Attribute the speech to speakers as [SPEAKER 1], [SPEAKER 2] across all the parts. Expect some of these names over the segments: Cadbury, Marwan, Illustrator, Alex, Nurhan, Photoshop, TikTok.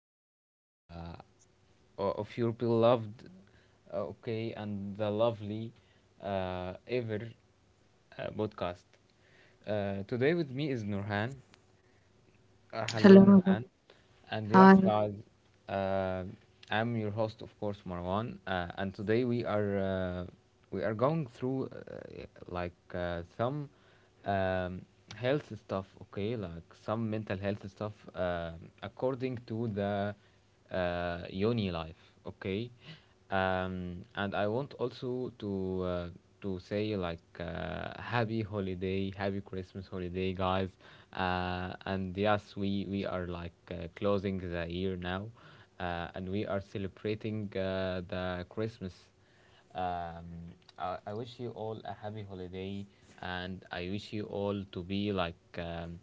[SPEAKER 1] episode of your beloved, okay, and the lovely ever podcast. Today with me is Nurhan. Hello,
[SPEAKER 2] Hello.
[SPEAKER 1] Nurhan.
[SPEAKER 2] Nada.
[SPEAKER 1] And yes,
[SPEAKER 2] Hi.
[SPEAKER 1] guys, uh, I'm your host, of course, Marwan. And today we are going through some um, health stuff, okay, like some mental health stuff, according to the uni life, okay, and I want also uh, to say, like, happy holiday, happy christmas holiday, guys. And yes, we are, like, closing the year now, and we are celebrating the christmas. Um, I, I wish you all a happy holiday, and I wish you all to be, like,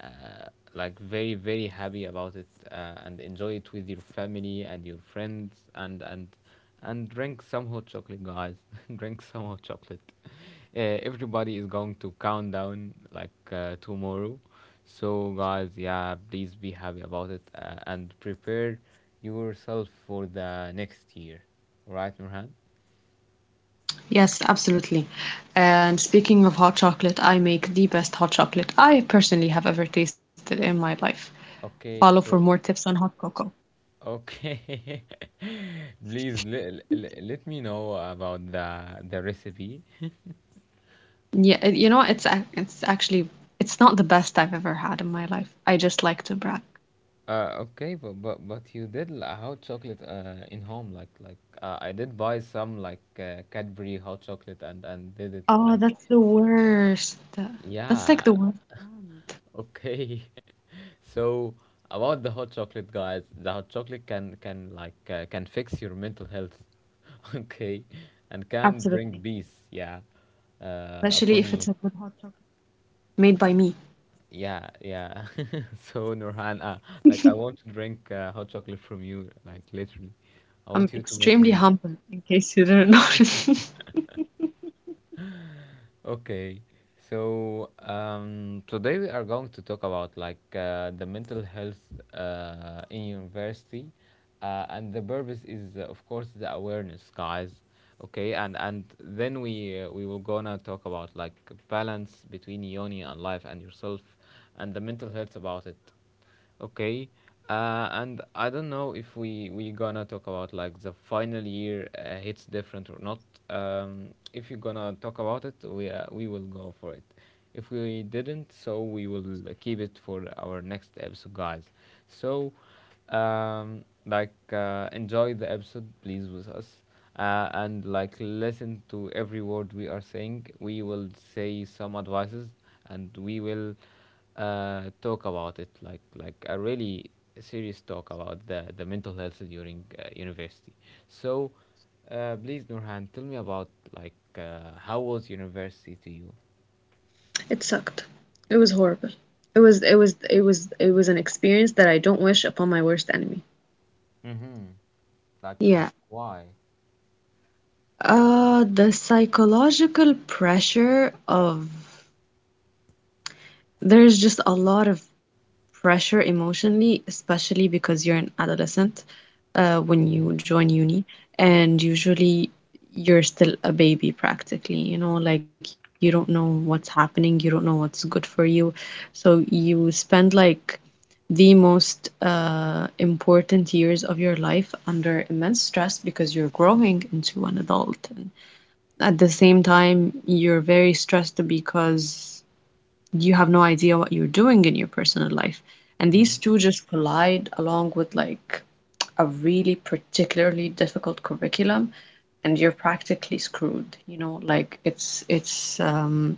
[SPEAKER 1] uh, like, very very happy about it, and enjoy it with your family and your friends, and and drink some hot chocolate, guys. Drink some hot chocolate. Everybody is going to count down, like, tomorrow. So, guys, yeah, please be happy about it, and prepare yourself for the next year. Right, Nurhan?
[SPEAKER 2] Yes, absolutely. And speaking of hot chocolate, I make the best hot chocolate I personally have ever tasted in my life. Follow
[SPEAKER 1] Okay,
[SPEAKER 2] for more
[SPEAKER 1] so
[SPEAKER 2] tips on hot cocoa.
[SPEAKER 1] okay. Please let me know about the recipe.
[SPEAKER 2] Yeah, it- you know, it's ac- it's actually it's not the best I've ever had in my life. I just like to brag.
[SPEAKER 1] Okay, but you did l- hot chocolate in home, like I did buy some, like, Cadbury hot chocolate, and did it like.
[SPEAKER 2] Oh, that's the worst. That's like
[SPEAKER 1] Yeah.
[SPEAKER 2] the worst.
[SPEAKER 1] Okay. So about the hot chocolate, guys, the hot chocolate can, like, can fix your mental health. Okay. And
[SPEAKER 2] Absolutely.
[SPEAKER 1] can bring peace, yeah,
[SPEAKER 2] Especially if it's a
[SPEAKER 1] upon
[SPEAKER 2] good
[SPEAKER 1] you.
[SPEAKER 2] hot chocolate made by me.
[SPEAKER 1] Yeah, yeah. So Nurhan, like, I want to drink hot chocolate from you, like, literally.
[SPEAKER 2] I'm
[SPEAKER 1] I want you to
[SPEAKER 2] extremely
[SPEAKER 1] make me.
[SPEAKER 2] humble, in case you didn't notice.
[SPEAKER 1] Okay. So today we are going to talk about, like, the mental health in university, and the purpose is, of course, the awareness, guys. Okay, and then we will gonna talk about like balance between yoni and life and yourself, and the mental health about it. Okay, and I don't know if we gonna talk about like the final year hits different or not. If you're gonna talk about it, we will go for it. If we didn't, so we will keep it for our next episode, guys. So, like, enjoy the episode, please, with us. And listen to every word we are saying. We will say some advices, and we will talk about it, like a really serious talk about the mental health during university. So please, nurhan, tell me about, like, how was university to you?
[SPEAKER 2] It sucked. It was horrible. It was an experience that I don't wish upon my worst enemy.
[SPEAKER 1] Mm-hmm. Like,
[SPEAKER 2] Yeah.
[SPEAKER 1] why?
[SPEAKER 2] Uh, the psychological pressure of there's just a lot of pressure emotionally, especially because you're an adolescent when
[SPEAKER 1] Mm-hmm.
[SPEAKER 2] you join uni, and usually you're still a baby practically, you know, like you don't know what's happening, you don't know what's good for you. So you spend like the most important years of your life under immense stress because you're growing into an adult. And at the same time, you're very stressed because you have no idea what you're doing in your personal life. And these
[SPEAKER 1] Mm-hmm.
[SPEAKER 2] two just collide along with like a really particularly difficult curriculum, and you're practically screwed. You know, like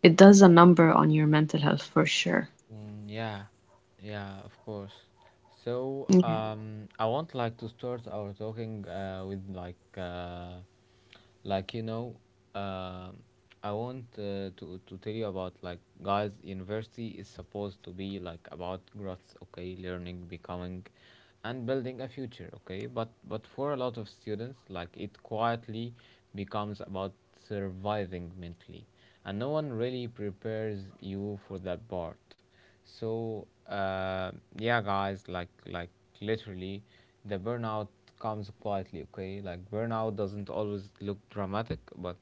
[SPEAKER 2] it does a number on your mental health for sure.
[SPEAKER 1] Mm, yeah, yeah, of course. So
[SPEAKER 2] Yeah.
[SPEAKER 1] I want, like, to start our talking, with, like, like you know uh, I want, to tell you about, like, guys, university is supposed to be, like, about growth, okay, learning, becoming, and building a future, okay. But for a lot of students, like, it quietly becomes about surviving mentally, and no one really prepares you for that part. So yeah, guys, like, literally, the burnout comes quietly, okay? Like, burnout doesn't always look dramatic, but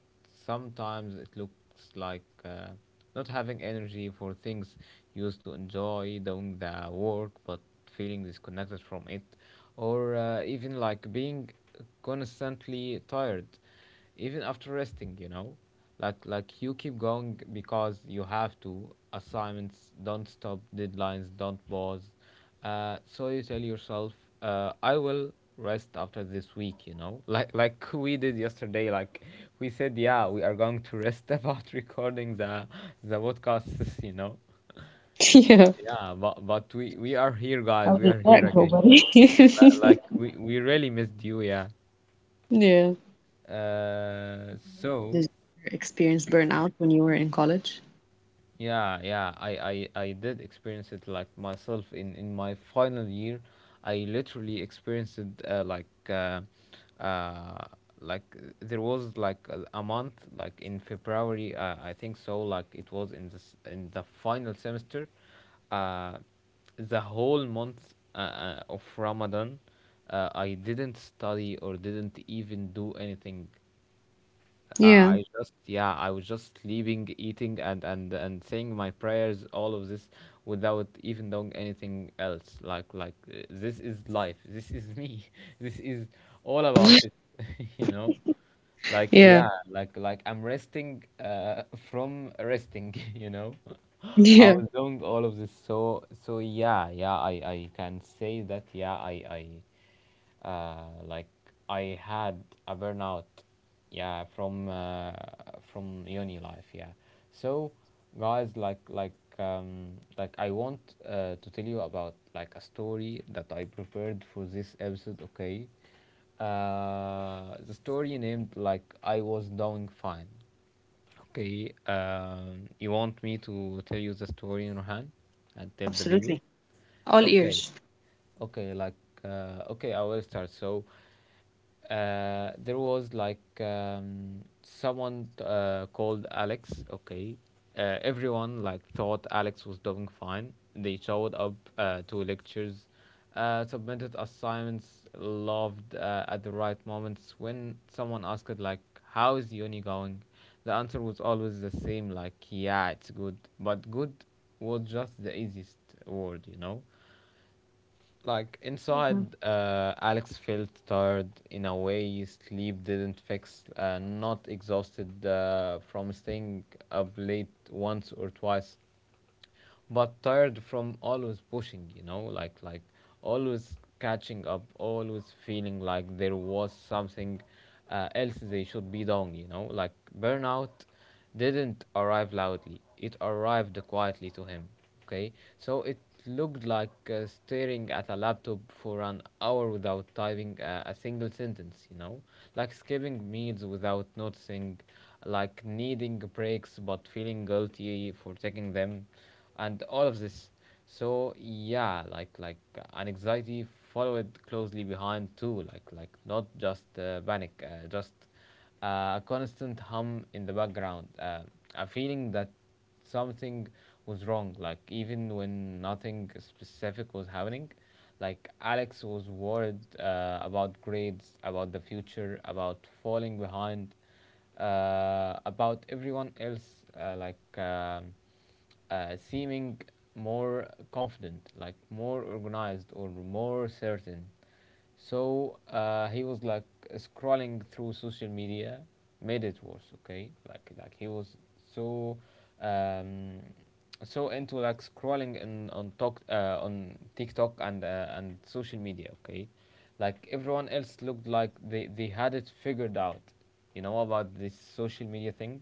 [SPEAKER 1] sometimes it looks like not having energy for things you used to enjoy, doing the work but feeling disconnected from it, or even like being constantly tired even after resting, you know. Like, you keep going because you have to. Assignments don't stop, deadlines don't pause, so you tell yourself, I will rest after this week, you know, like we did yesterday. Like, we said, yeah, we are going to rest about recording the podcasts, you know.
[SPEAKER 2] Yeah.
[SPEAKER 1] Yeah, but we are here, guys,
[SPEAKER 2] How
[SPEAKER 1] we
[SPEAKER 2] did
[SPEAKER 1] are here
[SPEAKER 2] that go,
[SPEAKER 1] again. Li-
[SPEAKER 2] buddy?
[SPEAKER 1] like we really missed you, yeah,
[SPEAKER 2] Yeah. Did
[SPEAKER 1] so.
[SPEAKER 2] you experience burnout when you were in college?
[SPEAKER 1] Yeah, yeah, I did experience it, like, myself in my final year. I literally experienced it, uh, there was like a month, like, in February, I think, so like it was in this, in the final semester, uh, the whole month of Ramadan, I didn't study or didn't even do anything. I
[SPEAKER 2] Yeah.
[SPEAKER 1] I just, yeah, I was just sleeping, eating, and and saying my prayers, all of this without even doing anything else. Like, this is life. This is me. This is all about it. You know, like,
[SPEAKER 2] Yeah.
[SPEAKER 1] yeah, like, I'm resting, from resting. You know, I
[SPEAKER 2] Yeah.
[SPEAKER 1] was doing all of this. So so yeah, yeah, I can say that, yeah, I. Like, I had a burnout, yeah, from uni life, yeah. So, guys, like, like, I want, to tell you about, like, a story that I prepared for this episode. Okay, the story named, like, I was doing fine. Okay, you want me to tell you the story, Rohan, and tell the
[SPEAKER 2] Absolutely.
[SPEAKER 1] people?
[SPEAKER 2] All
[SPEAKER 1] Okay.
[SPEAKER 2] ears.
[SPEAKER 1] Okay, like, okay, I will start. So there was like, someone called Alex. Okay, everyone, like, thought Alex was doing fine. They showed up to lectures, submitted assignments, loved at the right moments. When someone asked, like, "How is uni going?" the answer was always the same, like, "Yeah, it's good," but good was just the easiest word, you know. Like,
[SPEAKER 2] Yeah,
[SPEAKER 1] inside, alex felt tired in a way sleep didn't fix, not exhausted from staying up late once or twice, but tired from always pushing, you know. Like, always catching up, always feeling like there was something else they should be doing, you know. Like, burnout didn't arrive loudly. It arrived quietly to him. Okay, so it looked like staring at a laptop for an hour without typing a single sentence, you know, like skipping meals without noticing, like needing breaks but feeling guilty for taking them, and all of this. So yeah, like, an anxiety followed closely behind too. Like, not just panic, just a constant hum in the background, a feeling that something was wrong, like, even when nothing specific was happening. Like, alex was worried about grades, about the future, about falling behind, about everyone else, seeming more confident, like more organized or more certain. So he was like scrolling through social media, made it worse. Okay, like, he was so um, so into, like, scrolling in, on talk, on TikTok, and social media. Okay, like everyone else looked like they had it figured out. You know about this social media thing.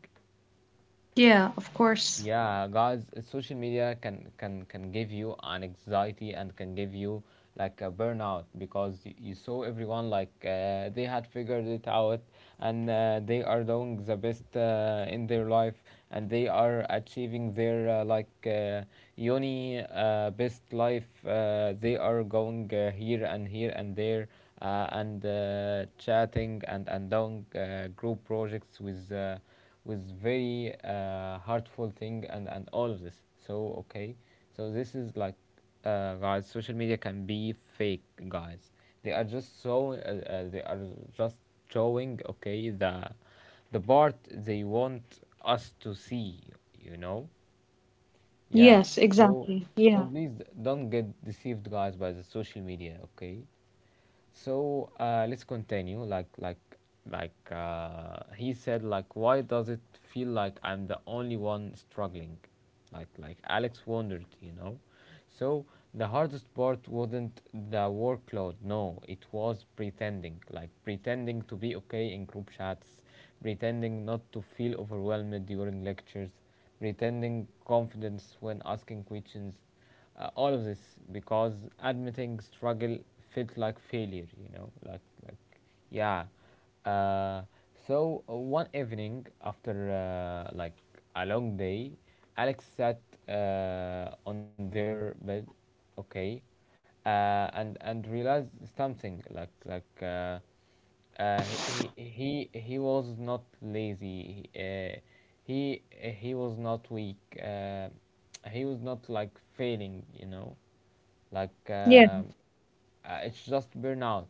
[SPEAKER 2] yeah, of course.
[SPEAKER 1] Yeah, guys, social media can give you an anxiety, and can give you like a burnout, because y- you saw everyone, like, they had figured it out, and they are doing the best in their life, and they are achieving their, uni, best life. They are going, here and here and there, and chatting and doing group projects with, with very, hurtful thing, and all of this. So okay, so this is like, guys, social media can be fake, guys. They are just so they are just showing, okay, the part they want us to see, you know. Yeah.
[SPEAKER 2] Yes,
[SPEAKER 1] So
[SPEAKER 2] exactly.
[SPEAKER 1] so
[SPEAKER 2] Yeah.
[SPEAKER 1] please, d- don't get deceived, guys, by the social media, okay. So let's continue. Like, he said, like, why does it feel like I'm the only one struggling? Like, Alex wondered, you know. So the hardest part wasn't the workload. No, it was pretending. Like, pretending to be okay in group chats, pretending not to feel overwhelmed during lectures, pretending confidence when asking questions, all of this because admitting struggle feels like failure, you know, like, yeah. Uh, so one evening after, like, a long day, Alex sat on their bed, okay, and realized something, like, like. Uh, he was not lazy. He he was not weak. He was not, like, failing. You know, like,
[SPEAKER 2] Yeah.
[SPEAKER 1] it's just burnout.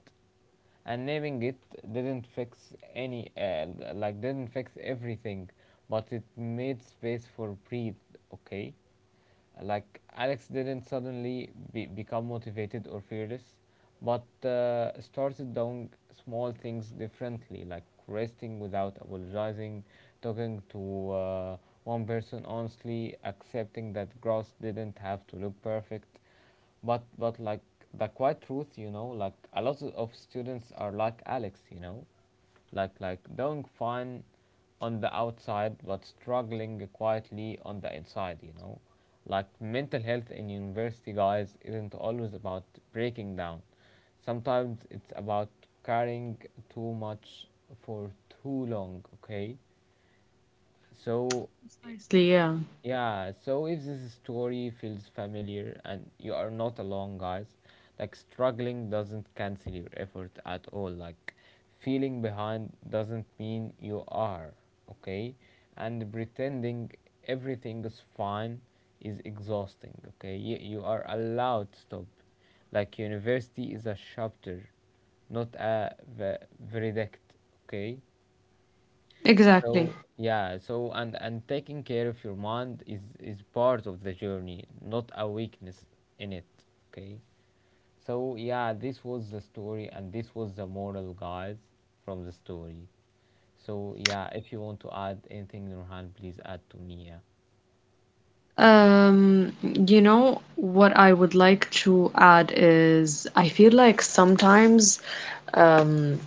[SPEAKER 1] And naming it didn't fix any, like, didn't fix everything, but it made space for breathe. Okay, like, Alex didn't suddenly be- become motivated or fearless, but started doing small things differently, like resting without apologizing, talking to, one person honestly, accepting that grass didn't have to look perfect, but like the quiet truth, you know. Like, a lot of students are like Alex, you know, like, doing fine on the outside but struggling quietly on the inside, you know. Like, mental health in university, guys, isn't always about breaking down. Sometimes it's about carrying too much for too long, okay? So i-
[SPEAKER 2] Precisely, yeah,
[SPEAKER 1] yeah, so if this story feels familiar and you are not alone, guys, like struggling doesn't cancel your effort at all. Like feeling behind doesn't mean you are, okay? And pretending everything is fine is exhausting, okay? You are allowed to stop. Like university is a chapter, not a verdict, okay? So
[SPEAKER 2] exactly.
[SPEAKER 1] yeah, so and taking care of your mind is part of the journey, not a weakness in it. Okay. So yeah, this was the story and this was the moral, guys, from the story. So yeah, if you want to add anything, Nurhan, please add to me. Yeah.
[SPEAKER 2] You know, what I would like to add is I feel like sometimes, um,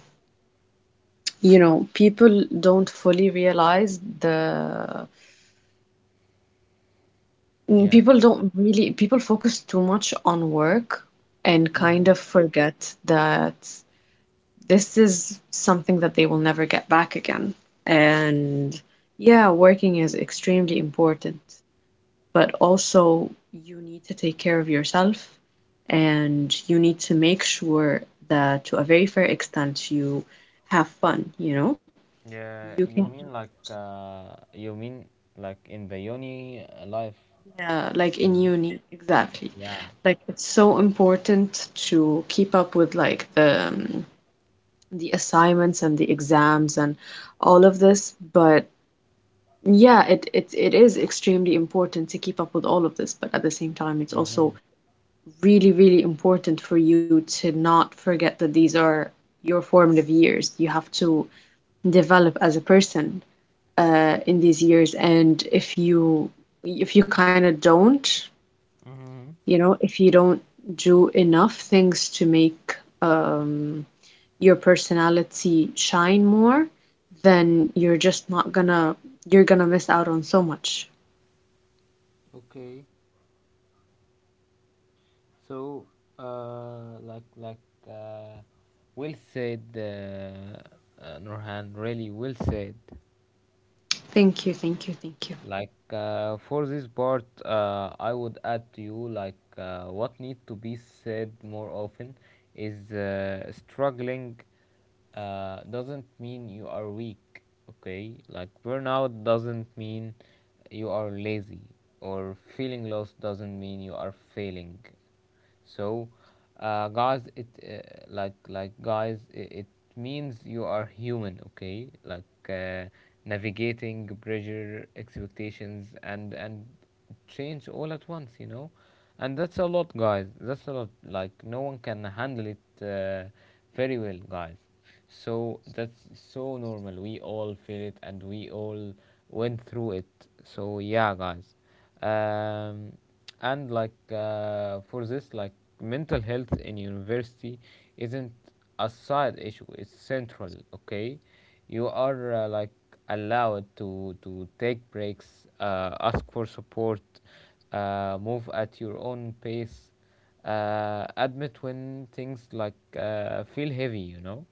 [SPEAKER 2] you know, people don't fully realize the
[SPEAKER 1] Yeah.
[SPEAKER 2] people don't really people focus too much on work and
[SPEAKER 1] Mm-hmm.
[SPEAKER 2] kind of forget that this is something that they will never get back again. And yeah, working is extremely important, but also you need to take care of yourself and you need to make sure that to a very fair extent you have fun, you know? You
[SPEAKER 1] Yeah,
[SPEAKER 2] can,
[SPEAKER 1] you mean you mean like in the uni life,
[SPEAKER 2] yeah, like
[SPEAKER 1] you
[SPEAKER 2] in
[SPEAKER 1] know?
[SPEAKER 2] uni, exactly.
[SPEAKER 1] Yeah.
[SPEAKER 2] Like it's so important to keep up with like the assignments and the exams and all of this. But yeah, it is extremely important to keep up with all of this, but at the same time, it's also
[SPEAKER 1] Mm-hmm.
[SPEAKER 2] really, really important for you to not forget that these are your formative years. You have to develop as a person in these years, and if you kind of don't,
[SPEAKER 1] Mm-hmm.
[SPEAKER 2] if you don't do enough things to make um, your personality shine more, then you're just not gonna, you're gonna miss out on so much.
[SPEAKER 1] Okay. So, uh, like like uh, Will said, Nurhan, really well said.
[SPEAKER 2] Thank you, thank you, thank you.
[SPEAKER 1] For this part, I would add to you what need to be said more often is, struggling doesn't mean you are weak. Okay, like burnout doesn't mean you are lazy, or feeling lost doesn't mean you are failing. So guys, it means you are human. Okay, navigating pressure, expectations, and change all at once, you know. And that's a lot, guys, that's a lot. Like no one can handle it very well, guys, so that's so normal. We all feel it and we all went through it. So yeah, guys, um, and for this, like mental health in university isn't a side issue, it's central. Okay, you are like allowed to take breaks, ask for support, move at your own pace, admit when things feel heavy, you know.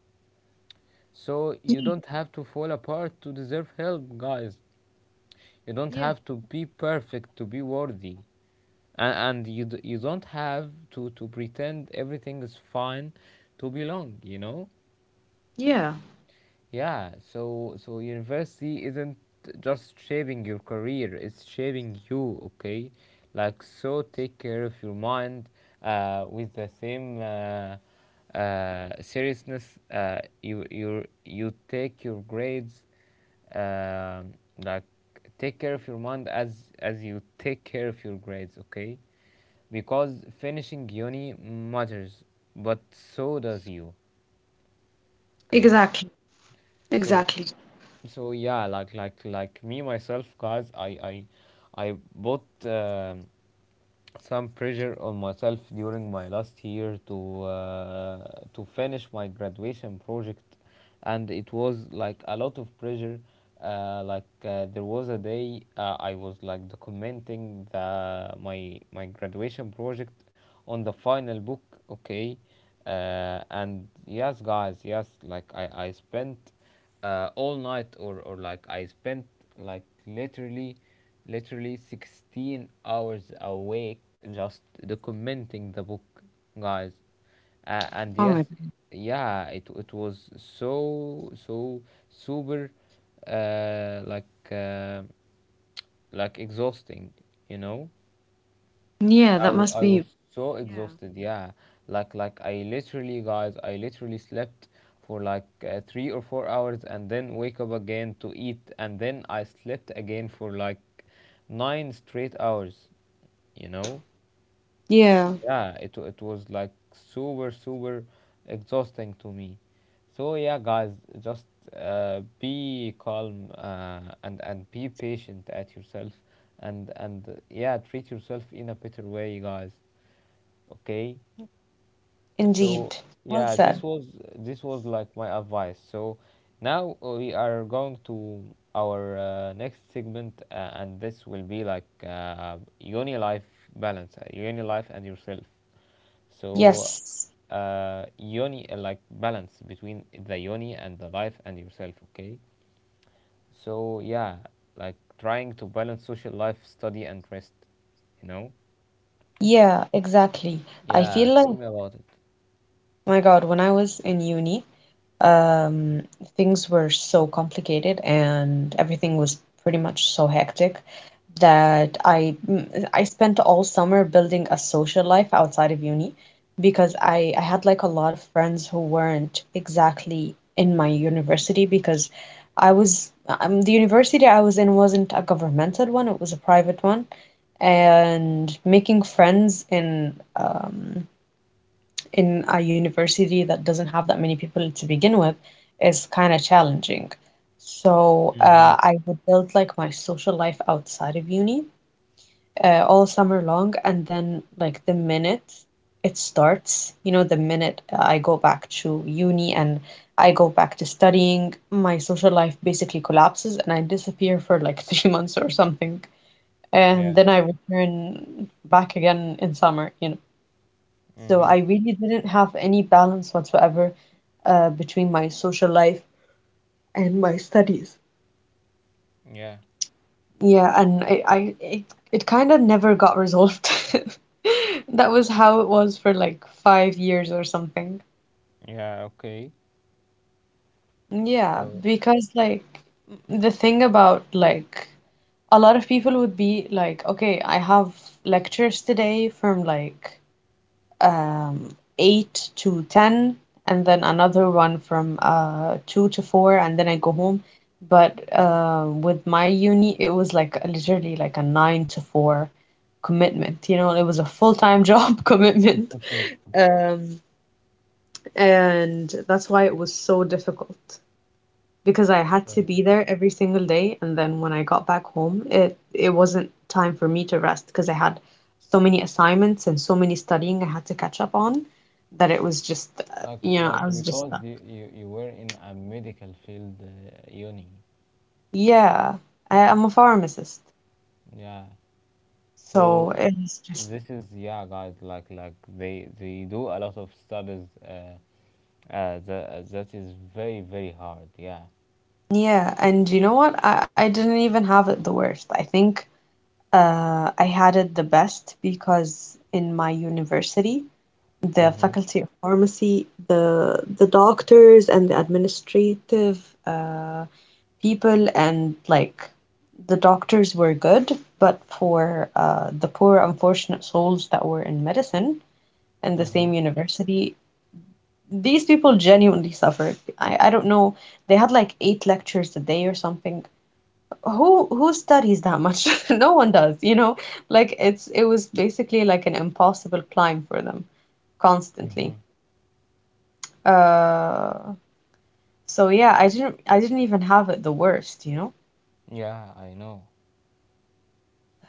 [SPEAKER 1] So you
[SPEAKER 2] Yeah,
[SPEAKER 1] don't have to fall apart to deserve help, guys. You don't
[SPEAKER 2] yeah,
[SPEAKER 1] have to be perfect to be worthy, and you don't have to pretend everything is fine to belong, you know.
[SPEAKER 2] yeah,
[SPEAKER 1] Yeah, so so university isn't just shaping your career, it's shaping you. Okay, like so take care of your mind with the same seriousness you you take your grades. um like take care of your mind as you take care of your grades. Okay, because finishing uni matters, but so does you. Okay,
[SPEAKER 2] exactly,
[SPEAKER 1] so
[SPEAKER 2] exactly.
[SPEAKER 1] so yeah, like me myself, guys, I bought some pressure on myself during my last year to finish my graduation project, and it was like a lot of pressure. There was a day I was like documenting the my my graduation project on the final book, okay. And yes, guys, yes, like I spent all night, or like I spent like literally literally 16 hours awake just documenting the book, guys. And yes,
[SPEAKER 2] Comedy.
[SPEAKER 1] yeah, it was so so super, uh, like uh, like exhausting, you know.
[SPEAKER 2] Yeah, that must
[SPEAKER 1] I
[SPEAKER 2] be.
[SPEAKER 1] was so
[SPEAKER 2] Yeah.
[SPEAKER 1] exhausted. Yeah, like I literally slept for 3 or 4 hours, and then wake up again to eat, and then I slept again for like nine straight hours, you know.
[SPEAKER 2] Yeah,
[SPEAKER 1] Yeah, it was like super super exhausting to me. So yeah, guys, just be calm and be patient at yourself, and yeah, treat yourself in a better way, guys. Okay. So
[SPEAKER 2] indeed. Well
[SPEAKER 1] yeah,
[SPEAKER 2] said.
[SPEAKER 1] this was like my advice. So now we are going to our next segment, and this will be like, uni life balance, uni life and yourself. So
[SPEAKER 2] Yes.
[SPEAKER 1] yoni, like balance between the yoni and the life and yourself. Okay. So yeah, like trying to balance social life, study, and rest. You know.
[SPEAKER 2] Yeah, exactly. I
[SPEAKER 1] Yeah.
[SPEAKER 2] feel
[SPEAKER 1] Tell
[SPEAKER 2] like,
[SPEAKER 1] me about it.
[SPEAKER 2] my God, when I was in uni, Um, things were so complicated and everything was pretty much so hectic that I spent all summer building a social life outside of uni because I had like a lot of friends who weren't exactly in my university because I was the university I was in wasn't a governmental one, it was a private one, and making friends in a university that doesn't have that many people to begin with is kind of challenging. So
[SPEAKER 1] Mm-hmm.
[SPEAKER 2] I would build like my social life outside of uni all summer long, and then like the minute it starts, the minute I go back to uni and I go back to studying, my social life basically collapses and I disappear for like 3 months or something. And
[SPEAKER 1] Yeah.
[SPEAKER 2] then I return back again in summer. So
[SPEAKER 1] Mm-hmm.
[SPEAKER 2] I really didn't have any balance whatsoever between my social life and my studies.
[SPEAKER 1] Yeah.
[SPEAKER 2] Yeah, and it kind of never got resolved. That was how it was for like 5 years or something.
[SPEAKER 1] Yeah. Okay.
[SPEAKER 2] Yeah,
[SPEAKER 1] So,
[SPEAKER 2] because like the thing about like a lot of people would be like, okay, I have lectures today from like um, 8 to 10, and then another one from 2 to 4, and then I go home. But with my uni, it was like literally like a 9 to 4 commitment. You know, it was a full-time job commitment. Um, and that's why it was so difficult because I had to
[SPEAKER 1] uh,
[SPEAKER 2] be there every single day. And then when I got back home, it wasn't time for me to rest because I had so many assignments and so many studying I had to catch up on that it was just, uh,
[SPEAKER 1] like,
[SPEAKER 2] you know,
[SPEAKER 1] like
[SPEAKER 2] I was just
[SPEAKER 1] because
[SPEAKER 2] stuck.
[SPEAKER 1] you were in a medical field, uni.
[SPEAKER 2] Yeah, I'm a pharmacist,
[SPEAKER 1] Yeah. So
[SPEAKER 2] so it's just
[SPEAKER 1] this is, yeah, guys. Like they do a lot of studies. That, that is very, very hard. Yeah.
[SPEAKER 2] yeah. And you know what? I didn't even have it the worst. I think I had it the best because in my university, the
[SPEAKER 1] Mm-hmm.
[SPEAKER 2] faculty of pharmacy, the doctors and the administrative uh, people, and like the doctors were good, but for the poor, unfortunate souls that were in medicine in the
[SPEAKER 1] Mm-hmm.
[SPEAKER 2] same university, these people genuinely suffered. I don't know. They had like eight lectures a day or something. Who studies that much? No one does, you know? Like it was basically like an impossible climb for them constantly.
[SPEAKER 1] Mm-hmm.
[SPEAKER 2] Uh, so yeah, I didn't even have it the worst, you know?
[SPEAKER 1] Yeah, I know.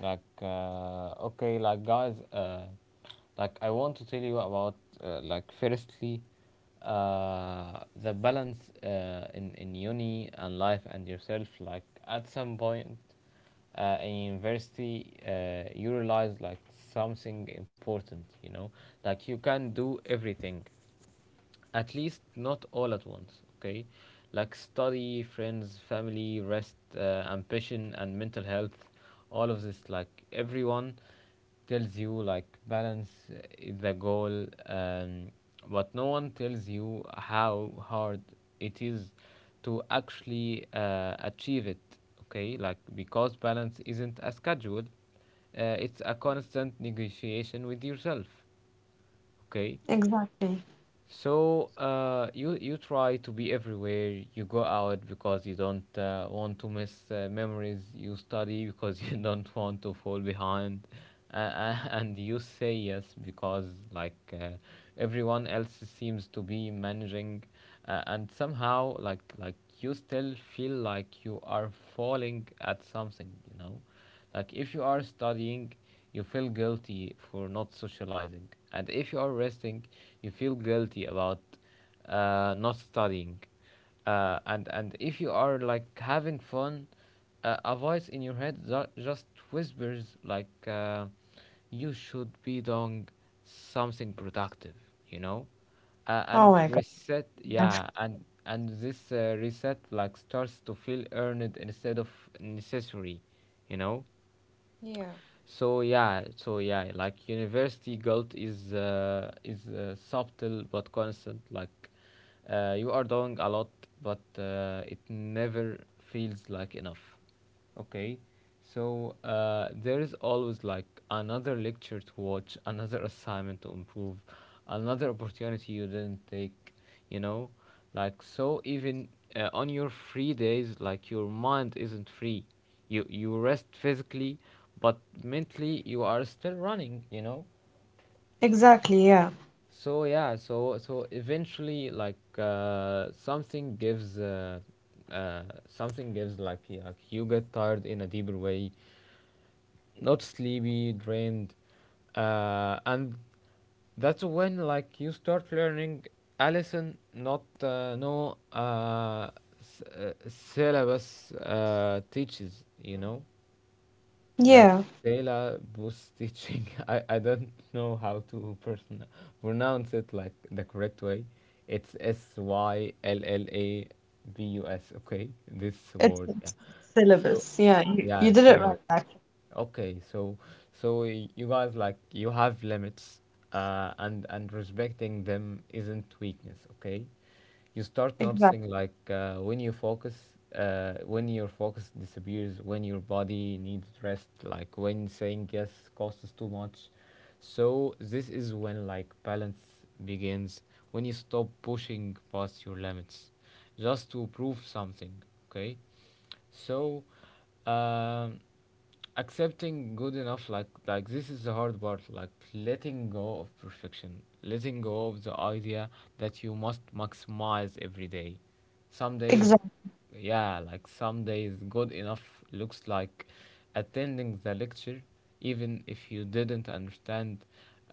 [SPEAKER 1] Like, okay, like guys, like I want to tell you about, like, firstly, the balance in uni and life and yourself. Like, at some point, in university, you realize like something important. You know, like you can do everything, at least not all at once, okay. Like study, friends, family, rest, ambition, and mental health, all of this. Like everyone tells you like balance is the goal, but no one tells you how hard it is to actually achieve it. Okay, like because balance isn't a schedule, it's a constant negotiation with yourself. Okay,
[SPEAKER 2] Exactly.
[SPEAKER 1] so you you try to be everywhere. You go out because you don't want to miss memories. You study because you don't want to fall behind, and you say yes because like uh, everyone else seems to be managing, and somehow like you still feel like you are falling at something. You know. Like if you are studying, you feel guilty for not socializing, and if you are resting, you feel guilty about not studying. And if you are like having fun, a voice in your head just whispers you should be doing something productive, you know.
[SPEAKER 2] Oh
[SPEAKER 1] And
[SPEAKER 2] my God.
[SPEAKER 1] reset, yeah, and this reset like starts to feel earned instead of necessary, you know.
[SPEAKER 2] Yeah.
[SPEAKER 1] So yeah, so yeah, like university guilt is subtle but constant. You are doing a lot, but it never feels like enough. Okay, so there is always like another lecture to watch, another assignment to improve, another opportunity you didn't take, you know. Like so even on your free days, like your mind isn't free. You rest physically, but mentally you are still running, you know.
[SPEAKER 2] Exactly, yeah.
[SPEAKER 1] So yeah, so so eventually like uh, something gives, like, like you get tired in a deeper way, not sleepy, drained. And that's when like you start learning a lesson not no s- syllabus teaches, you know. Like
[SPEAKER 2] Yeah.
[SPEAKER 1] Stella Bus Stitching. I don't know how to pronounce it like the correct way. It's SYLLABUS. Okay, this
[SPEAKER 2] It's,
[SPEAKER 1] word. Yeah.
[SPEAKER 2] it's
[SPEAKER 1] So
[SPEAKER 2] syllabus. Yeah, you,
[SPEAKER 1] yeah,
[SPEAKER 2] you did it
[SPEAKER 1] syllabus.
[SPEAKER 2] right.
[SPEAKER 1] Okay, so so you guys, like you have limits, and respecting them isn't weakness. Okay, you start
[SPEAKER 2] Exactly.
[SPEAKER 1] noticing like when your focus disappears, when your body needs rest, like when saying yes costs too much. So this is when like balance begins, when you stop pushing past your limits just to prove something, okay. So um, accepting good enough, like this is the hard part. Like letting go of perfection, letting go of the idea that you must maximize every day, some days,
[SPEAKER 2] Exactly.
[SPEAKER 1] yeah, like some days good enough looks like attending the lecture even if you didn't understand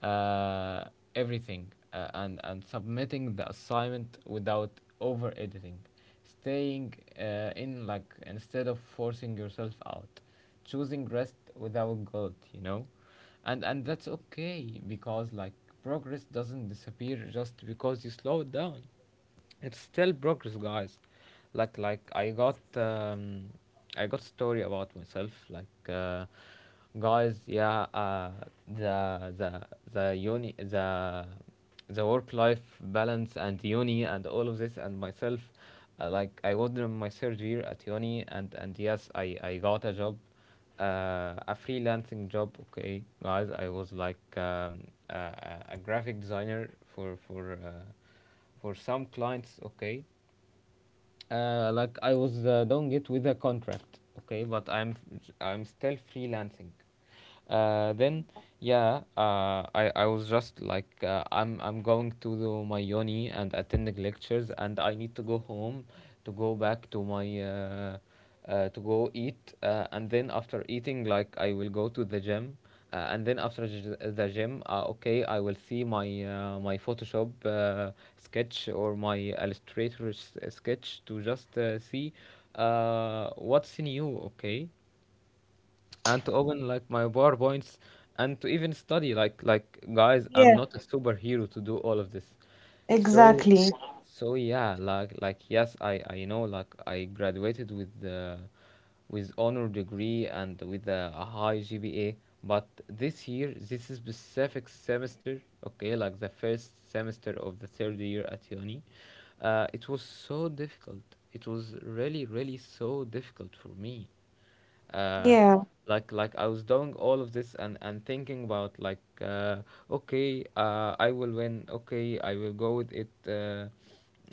[SPEAKER 1] uh, everything, and submitting the assignment without over editing, staying in, like instead of forcing yourself out, choosing rest without guilt, you know. And that's okay, because like progress doesn't disappear just because you slow down. It's still progress, guys. Like I got story about myself, like guys yeah the the the uni the work life balance and uni and all of this and myself. Like I was in my third year at uni, and yes, I got a job, a freelancing job. Okay, guys, I was like, a graphic designer for for some clients. Okay, like I was doing it with a contract, okay, but I'm still freelancing. Then yeah, I was just like I'm going to my uni and attending lectures, and I need to go home to go back to my to go eat, and then after eating, like, I will go to the gym, and then after the gym, okay, I will see my my Photoshop sketch or my Illustrator sketch to just see what's new, okay, and to open, like, my powerpoints, and to even study, like. Guys,
[SPEAKER 2] Yeah.
[SPEAKER 1] I'm not a superhero to do all of this. so
[SPEAKER 2] Exactly.
[SPEAKER 1] so yeah, like yes, I know, like, I graduated with honor degree and with a high GPA, but this year, this is specific semester, okay, like the first semester of the third year at uni. It was so difficult. It was really, really so difficult for me. uh,
[SPEAKER 2] Yeah.
[SPEAKER 1] like I was doing all of this and thinking about, like, okay, I will win. Okay, I will go with it. uh,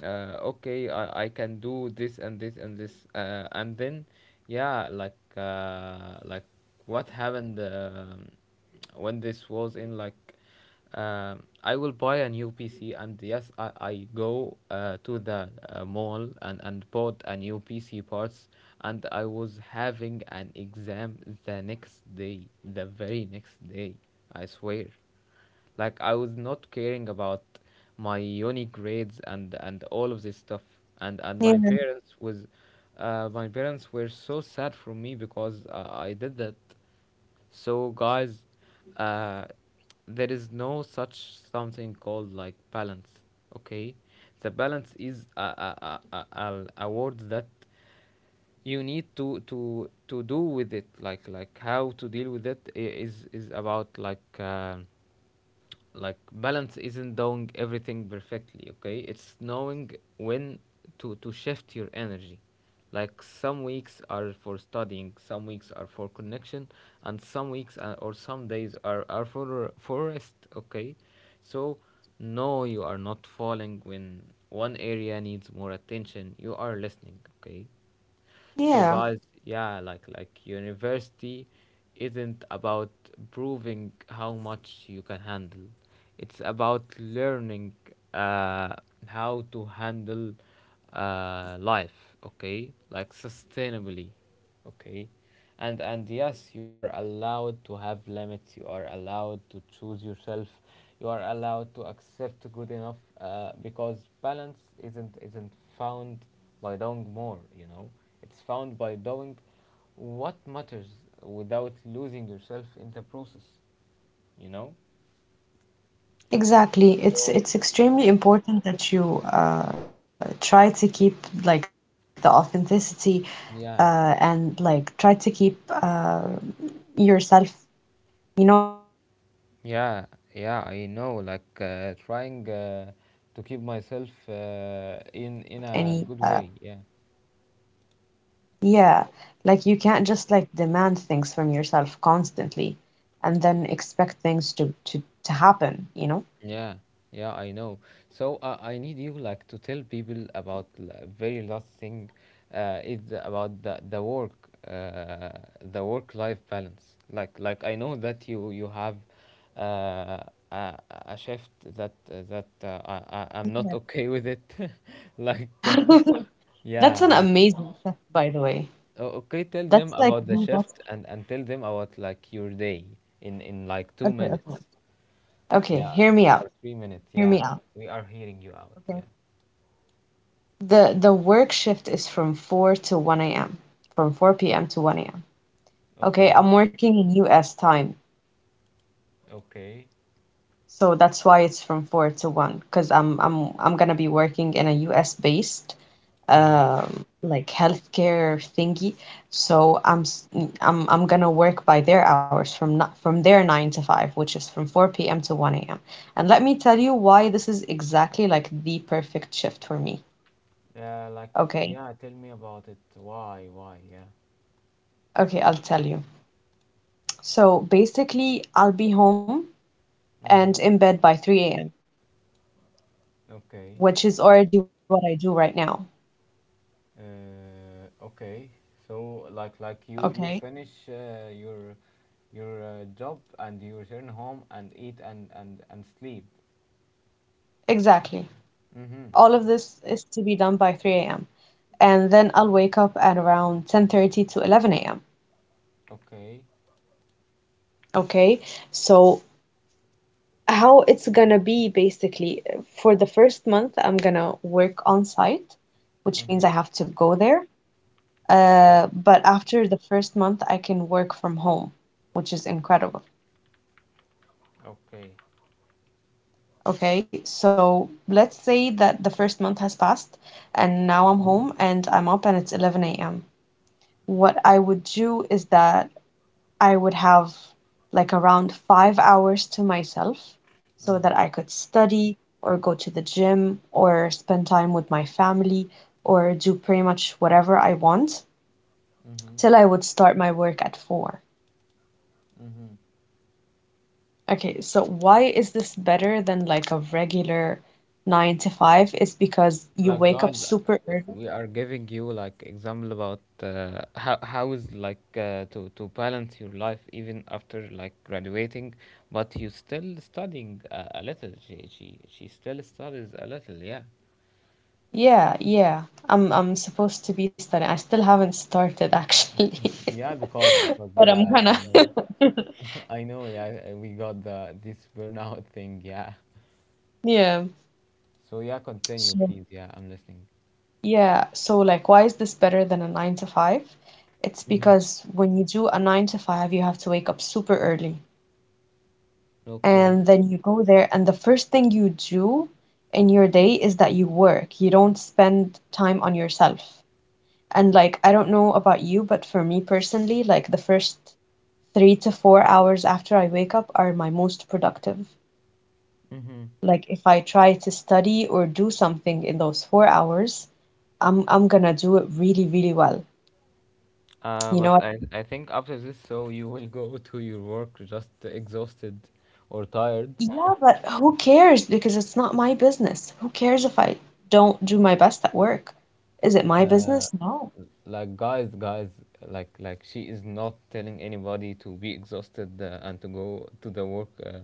[SPEAKER 1] uh, Okay, I can do this and this and this. And then, yeah, like, like what happened? When this was in, like, I will buy a new PC, and yes, I go to the mall, and bought a new PC parts, and I was having an exam the next day, the very next day, I swear. Like, I was not caring about my uni grades and all of this stuff. And
[SPEAKER 2] Yeah.
[SPEAKER 1] my parents were so sad for me because I did that. So guys, uh, there is no such something called, like, balance. Okay, the balance is a word that you need to do with it, like, how to deal with it is about, like, like, balance isn't doing everything perfectly. Okay, it's knowing when to shift your energy. Like, some weeks are for studying, some weeks are for connection, and some weeks, or some days, are for rest. Okay, so no, you are not falling when one area needs more attention. You are listening, okay? So guys,
[SPEAKER 2] Yeah.
[SPEAKER 1] yeah, like university isn't about proving how much you can handle. It's about learning uh how to handle life, okay? Like, sustainably. Okay. And yes, you are allowed to have limits. You are allowed to choose yourself. You are allowed to accept good enough, because balance isn't found by doing more, you know. It's found by doing what matters without losing yourself in the process, you know?
[SPEAKER 2] Exactly. It's
[SPEAKER 1] So,
[SPEAKER 2] it's extremely important that you try to keep like the authenticity and
[SPEAKER 1] yeah.
[SPEAKER 2] like try to keep yourself. You know, it's very important that you set yourself as
[SPEAKER 1] Yeah,
[SPEAKER 2] a
[SPEAKER 1] yeah,
[SPEAKER 2] priority,
[SPEAKER 1] I
[SPEAKER 2] you know.
[SPEAKER 1] know. Like,
[SPEAKER 2] Like you can't just
[SPEAKER 1] trying,
[SPEAKER 2] demand
[SPEAKER 1] to keep
[SPEAKER 2] work
[SPEAKER 1] myself
[SPEAKER 2] continuously from yourself
[SPEAKER 1] in
[SPEAKER 2] without
[SPEAKER 1] in
[SPEAKER 2] any
[SPEAKER 1] a good
[SPEAKER 2] uh,
[SPEAKER 1] way. Yeah.
[SPEAKER 2] Yeah, like you can't just like demand things from yourself constantly and then expect things to happen.
[SPEAKER 1] Yeah, yeah, I know. So, I need you, like, to tell people about the very last thing, is about the work, uh, the work life balance. Like I know that you have, uh, a a shift that, I'm not okay with it. Like,
[SPEAKER 2] That's
[SPEAKER 1] yeah,
[SPEAKER 2] an
[SPEAKER 1] like, you know.
[SPEAKER 2] amazing set, by the way.
[SPEAKER 1] Okay, tell them
[SPEAKER 2] That's like
[SPEAKER 1] about the
[SPEAKER 2] the best.
[SPEAKER 1] shift and tell them about, like, your day in, like, two
[SPEAKER 2] Okay, okay.
[SPEAKER 1] minutes.
[SPEAKER 2] Okay,
[SPEAKER 1] Yeah,
[SPEAKER 2] hear me out.
[SPEAKER 1] for 3 minutes.
[SPEAKER 2] Hear me
[SPEAKER 1] Yeah,
[SPEAKER 2] out.
[SPEAKER 1] we are hearing you out.
[SPEAKER 2] Okay.
[SPEAKER 1] Yeah.
[SPEAKER 2] The work shift is from 4 to 1 a.m. From 4 p.m. to 1 a.m. Okay,
[SPEAKER 1] Okay.
[SPEAKER 2] I'm working in US time.
[SPEAKER 1] Okay.
[SPEAKER 2] So that's why it's from four to one, because I'm gonna be working in a US based
[SPEAKER 1] Mhm.
[SPEAKER 2] like healthcare thingy. So I'm s- I'm gonna work by their hours, from not from their nine to five, which is from 4 p.m. to 1 a.m. And let me tell you why this is exactly like the perfect shift for me.
[SPEAKER 1] Yeah, like,
[SPEAKER 2] Okay.
[SPEAKER 1] yeah. Tell me about it. Why? Why? Yeah.
[SPEAKER 2] Okay, I'll tell you. So basically, I'll be home and
[SPEAKER 1] Mhm.
[SPEAKER 2] in bed by 3 a.m.,
[SPEAKER 1] Okay.
[SPEAKER 2] which is already what I do right now.
[SPEAKER 1] Okay. So, like you
[SPEAKER 2] Okay.
[SPEAKER 1] finish, your job, and you return home and eat and sleep.
[SPEAKER 2] Exactly.
[SPEAKER 1] Mhm.
[SPEAKER 2] All of this is to be done by 3 a.m. And then I'll wake up at around 10:30 to 11 a.m.
[SPEAKER 1] Okay.
[SPEAKER 2] Okay, so how it's gonna be basically, for the first month, I'm gonna work on site, which means I
[SPEAKER 1] Mhm.
[SPEAKER 2] have to go there.
[SPEAKER 1] Okay.
[SPEAKER 2] But after the first month, I can work from home, which is incredible.
[SPEAKER 1] Okay.
[SPEAKER 2] Okay, so let's say that the first month has passed and now I'm home and I'm up and it's 11 a.m. What I would do is that I would have like around 5 hours to myself so
[SPEAKER 1] Mhm.
[SPEAKER 2] that I could study or go to the gym or spend time with my family or do pretty much whatever I want
[SPEAKER 1] Mhm.
[SPEAKER 2] till I would start my work at four.
[SPEAKER 1] Mhm.
[SPEAKER 2] Okay, so why is this better than like a regular nine to five? Is because you
[SPEAKER 1] Like,
[SPEAKER 2] wake up
[SPEAKER 1] guys,
[SPEAKER 2] super
[SPEAKER 1] w-
[SPEAKER 2] early.
[SPEAKER 1] we are giving you, like, example about, how is, like, to balance your life even after, like, graduating, but you still studying a little. She still studies a little. Yeah,
[SPEAKER 2] Yeah, yeah. I'm supposed to be studying. I still haven't started actually,
[SPEAKER 1] yeah, because because
[SPEAKER 2] but I'm
[SPEAKER 1] yeah,
[SPEAKER 2] gonna.
[SPEAKER 1] I know. I know, yeah. We got the this burnout thing, yeah.
[SPEAKER 2] Yeah.
[SPEAKER 1] So, yeah, continue,
[SPEAKER 2] So,
[SPEAKER 1] please. Yeah, I'm listening.
[SPEAKER 2] yeah, so like, why is this better than a nine to five? It's
[SPEAKER 1] Mm-hmm.
[SPEAKER 2] because when you do a nine to five, you have to wake up super early.
[SPEAKER 1] Okay.
[SPEAKER 2] And then you go there, and the first thing you do in your day is that you work. You don't spend time on yourself. And like, I don't know about you, but for me personally, like, the first 3 to 4 hours after I wake up are my most productive.
[SPEAKER 1] Mm-hmm.
[SPEAKER 2] Like, if I try to study or do something in those 4 hours, I'm gonna do it really, really well.
[SPEAKER 1] Uh,
[SPEAKER 2] You know
[SPEAKER 1] but
[SPEAKER 2] what?
[SPEAKER 1] I think after this, so you will go to your work just exhausted or tired.
[SPEAKER 2] Yeah, but who cares? Because it's not my business. Who cares if I don't do my best at work? Is it my business? No.
[SPEAKER 1] Like, guys, guys, like she is not telling anybody to be exhausted, and to go to the work.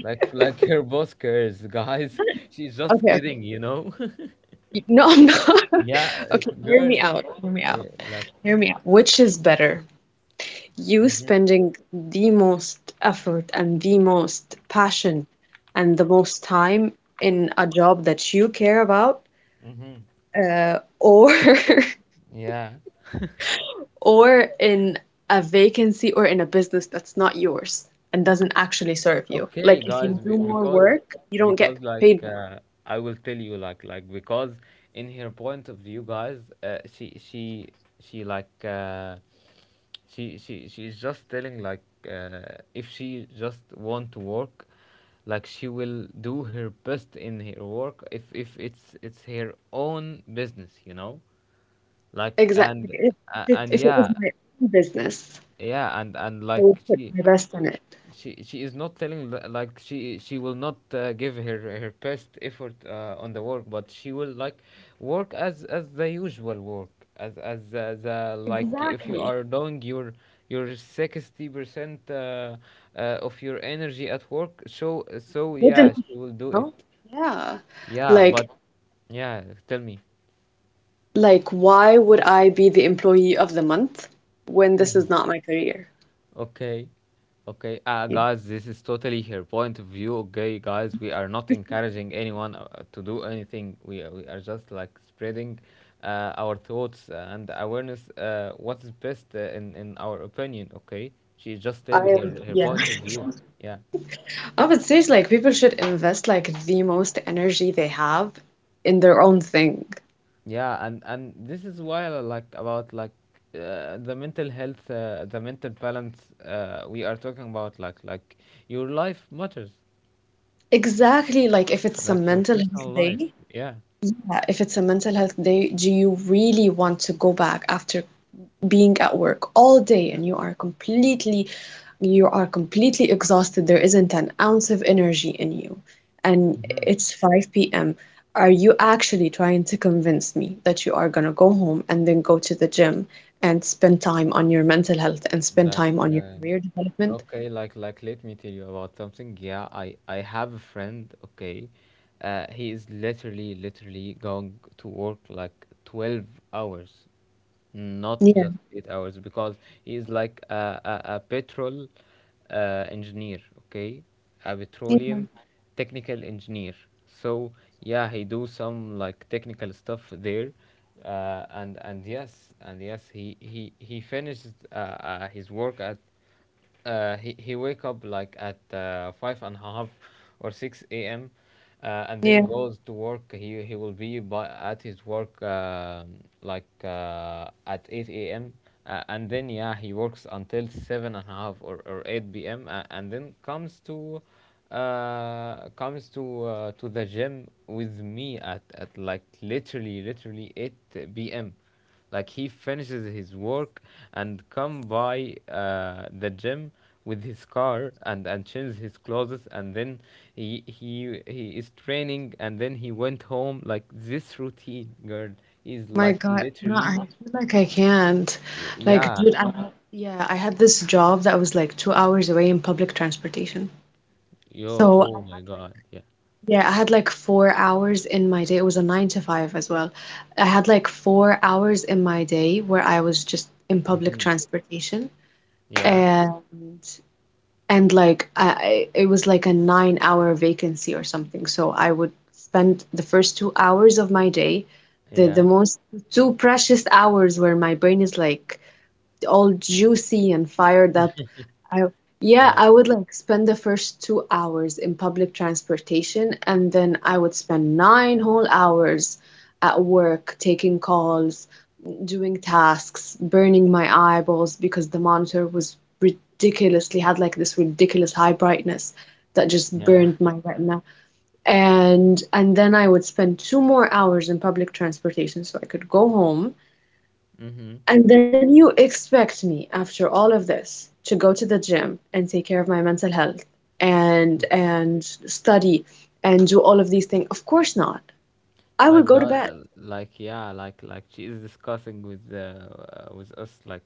[SPEAKER 1] Like, like, her boss cares, guys. She's just
[SPEAKER 2] Okay, okay.
[SPEAKER 1] kidding, you know.
[SPEAKER 2] No, I'm not.
[SPEAKER 1] Yeah,
[SPEAKER 2] Okay, hear
[SPEAKER 1] girl.
[SPEAKER 2] me out. Hear me out.
[SPEAKER 1] Yeah, like.
[SPEAKER 2] Hear me out. Which is better? You
[SPEAKER 1] Mm-hmm,
[SPEAKER 2] spending the most effort and the most passion and the most time in a job that you care about,
[SPEAKER 1] mm-hmm.
[SPEAKER 2] or
[SPEAKER 1] Yeah.
[SPEAKER 2] or in a vacancy or in a business that's not yours and doesn't actually serve you.
[SPEAKER 1] Okay,
[SPEAKER 2] Like if
[SPEAKER 1] guys,
[SPEAKER 2] you do
[SPEAKER 1] be-
[SPEAKER 2] more
[SPEAKER 1] because
[SPEAKER 2] work, you don't get
[SPEAKER 1] because
[SPEAKER 2] paid more.
[SPEAKER 1] like, I will tell you, like because in her point of view, guys, she like, she's just telling, like, if she just want to work, like, she will do her best in her work if it's her own business, you know, like,
[SPEAKER 2] Exactly.
[SPEAKER 1] and
[SPEAKER 2] If
[SPEAKER 1] a-
[SPEAKER 2] if it,
[SPEAKER 1] and
[SPEAKER 2] if it was
[SPEAKER 1] yeah,
[SPEAKER 2] my own business,
[SPEAKER 1] yeah, and
[SPEAKER 2] I
[SPEAKER 1] like,
[SPEAKER 2] would put
[SPEAKER 1] she
[SPEAKER 2] my best in it.
[SPEAKER 1] she is not telling like she will not, give her best effort, on the work, but she will, like, work as the usual work, as the, like, if you
[SPEAKER 2] Exactly.
[SPEAKER 1] are doing your 60%, of your energy at work, so
[SPEAKER 2] Good
[SPEAKER 1] yeah,
[SPEAKER 2] enough,
[SPEAKER 1] she will do it.
[SPEAKER 2] no? Yeah.
[SPEAKER 1] Yeah,
[SPEAKER 2] Like
[SPEAKER 1] but, yeah, tell me.
[SPEAKER 2] like why would I be the employee of the month when this is not my career?
[SPEAKER 1] Okay. Okay,
[SPEAKER 2] Yeah.
[SPEAKER 1] guys, this is totally her point of view. Okay, guys, we are not encouraging anyone, to do anything. We are just, like, spreading, our thoughts and awareness. What is best, in our opinion. Okay, she's just
[SPEAKER 2] I
[SPEAKER 1] telling
[SPEAKER 2] am,
[SPEAKER 1] her
[SPEAKER 2] yeah.
[SPEAKER 1] point of view. Yeah,
[SPEAKER 2] I would say like people should invest like the most energy they have in their own thing.
[SPEAKER 1] yeah, and this is why I like about, like, the mental health, the mental balance. We are talking about, like your life matters,
[SPEAKER 2] Exactly, like if it's a
[SPEAKER 1] like, your
[SPEAKER 2] mental
[SPEAKER 1] personal
[SPEAKER 2] health
[SPEAKER 1] life.
[SPEAKER 2] day,
[SPEAKER 1] Yeah.
[SPEAKER 2] yeah, if it's a mental health day, do you really want to go back after being at work all day and you are completely exhausted. There isn't an ounce of energy in you. And
[SPEAKER 1] Hmm.
[SPEAKER 2] it's 5 p.m. Are you actually trying to convince me that you are going to go home and then go to the gym and spend time on your mental health and spend
[SPEAKER 1] Like,
[SPEAKER 2] time on your career development?
[SPEAKER 1] okay, like let me tell you about something. Yeah, I have a friend. Okay, he is literally, literally going to work, like, 12 hours, not just
[SPEAKER 2] Yeah.
[SPEAKER 1] 8 hours, because he is like a petrol, engineer. Okay, a
[SPEAKER 2] Yeah.
[SPEAKER 1] petroleum technical engineer. So, yeah, he do some, like, technical stuff there, and yes, and yes, he finished, his work at, he wake up, like, at, five and a half or 6 a.m. And then
[SPEAKER 2] Yeah.
[SPEAKER 1] goes to work. He will be at his work, like, at 8 a.m. And then, yeah, he works until seven and a half or 8 p.m. And then comes to the gym with me at, like, literally, literally, 8 p.m. Like, he finishes his work and come by, the gym, with his car, and change his clothes, and then he is training, and then he went home. Like, this routine, girl, is,
[SPEAKER 2] My
[SPEAKER 1] like,
[SPEAKER 2] God, no, I
[SPEAKER 1] literally,
[SPEAKER 2] feel like I can't.
[SPEAKER 1] y-
[SPEAKER 2] Like,
[SPEAKER 1] yeah
[SPEAKER 2] dude, I had this job that was like 2 hours away in public transportation.
[SPEAKER 1] Yo.
[SPEAKER 2] So I
[SPEAKER 1] Oh my
[SPEAKER 2] had like,
[SPEAKER 1] God. Yeah.
[SPEAKER 2] yeah, I had like 4 hours in my day. It was a nine to five as well. I had like 4 hours in my day where I was just in public
[SPEAKER 1] Mm-hmm.
[SPEAKER 2] transportation.
[SPEAKER 1] Yeah,
[SPEAKER 2] And and like it was like a 9 hour vacancy or something. So I would spend the first 2 hours of my day, the
[SPEAKER 1] yeah,
[SPEAKER 2] most two precious hours where my brain is like all juicy and fired up, I, yeah,
[SPEAKER 1] yeah,
[SPEAKER 2] I would like spend the first 2 hours in public transportation, and then I would spend nine whole hours at work taking calls, doing tasks, burning my eyeballs because the monitor was ridiculously had like this ridiculous high brightness that just
[SPEAKER 1] yeah.
[SPEAKER 2] burned my retina. And then I would spend two more hours in public transportation so I could go home
[SPEAKER 1] Mm-hmm.
[SPEAKER 2] and then you expect me, after all of this, to go to the gym and take care of my mental health and study and do all of these things. Of course not. I will
[SPEAKER 1] Like,
[SPEAKER 2] go to bed.
[SPEAKER 1] God, like, yeah, like she is discussing with, with us, like,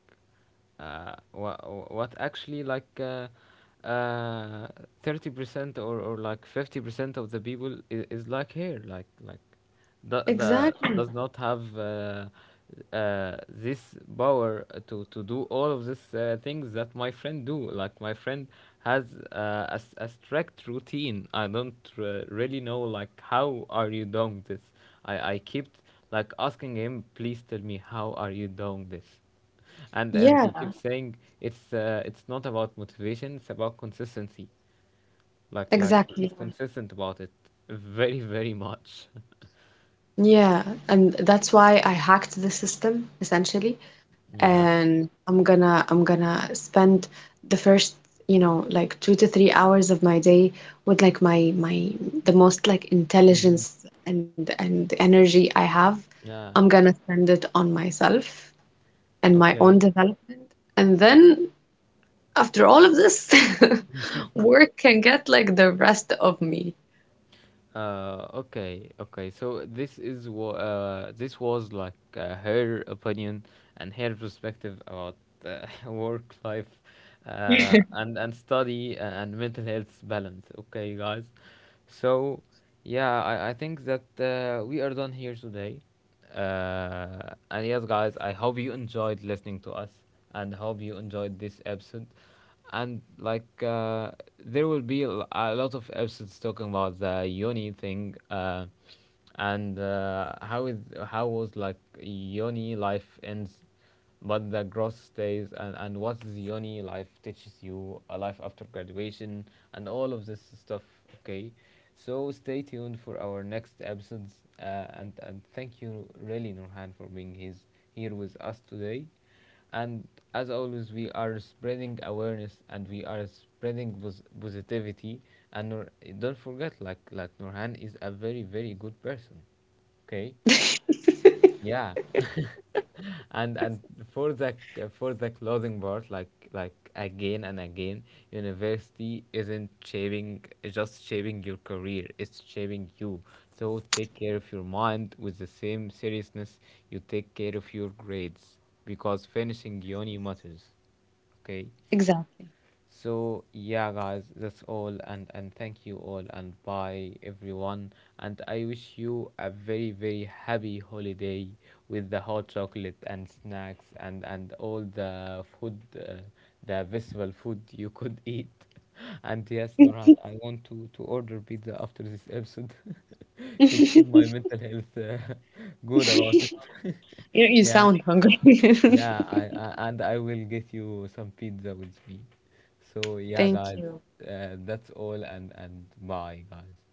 [SPEAKER 1] what actually, like, uh, 30% or, like, 50% of the people is, like, here, like the
[SPEAKER 2] Exactly.
[SPEAKER 1] does not have, this power to do all of these, things that my friend do. Like, my friend has, a strict routine. I don't, really know, like, how are you doing this. I kept, like, asking him, please tell me how are you doing this, and he
[SPEAKER 2] Yeah,
[SPEAKER 1] keeps saying, it's, it's not about motivation, it's about consistency. Like he
[SPEAKER 2] exactly.
[SPEAKER 1] is consistent about it, very, very much.
[SPEAKER 2] Yeah, and that's why I hacked the system essentially.
[SPEAKER 1] Yeah.
[SPEAKER 2] And I'm gonna spend the first, like 2 to 3 hours of my day with like my the most like
[SPEAKER 1] Mhm.
[SPEAKER 2] intelligence and energy I have. I'm
[SPEAKER 1] Yeah.
[SPEAKER 2] gonna spend it on myself and my own
[SPEAKER 1] Okay.
[SPEAKER 2] development. And then after all of this, work can get like the rest of me.
[SPEAKER 1] Okay, okay, so this is what, this was, like, her opinion and her perspective about, work life, and study, and mental health balance. Okay, guys. So, yeah, I think that, we are done here today. And yes, guys, I hope you enjoyed listening to us, and hope you enjoyed this episode. And, like, there will be a lot of episodes talking about the Yoni thing. And how was, like, Yoni life ends, but the growth stays, and what Zioni life teaches you, a life after graduation, and all of this stuff. Okay, so stay tuned for our next episodes, and thank you really, Nurhan, for here with us today, and as always, we are spreading awareness, and we are spreading positivity, and don't forget, like Nurhan is a very, very good person. Okay. Yeah. And for the for the closing part, like, again and again, university isn't shaping just shaping your career, it's shaping you. So take care of your mind with the same seriousness you take care of your grades, because finishing uni matters. Okay. So, yeah, guys, that's all, and thank you all, and bye everyone, and I wish you a very, very happy holiday with the hot chocolate and snacks and all the food, the vegetable food you could eat, and yes, Nuran, I want to order pizza after this episode, to keep my
[SPEAKER 2] Exactly.
[SPEAKER 1] mental health, good about it.
[SPEAKER 2] You you
[SPEAKER 1] Yeah,
[SPEAKER 2] sound hungry.
[SPEAKER 1] yeah, and I will get you some pizza with me. So, yeah,
[SPEAKER 2] Thank
[SPEAKER 1] guys,
[SPEAKER 2] you.
[SPEAKER 1] that's all, and bye, guys.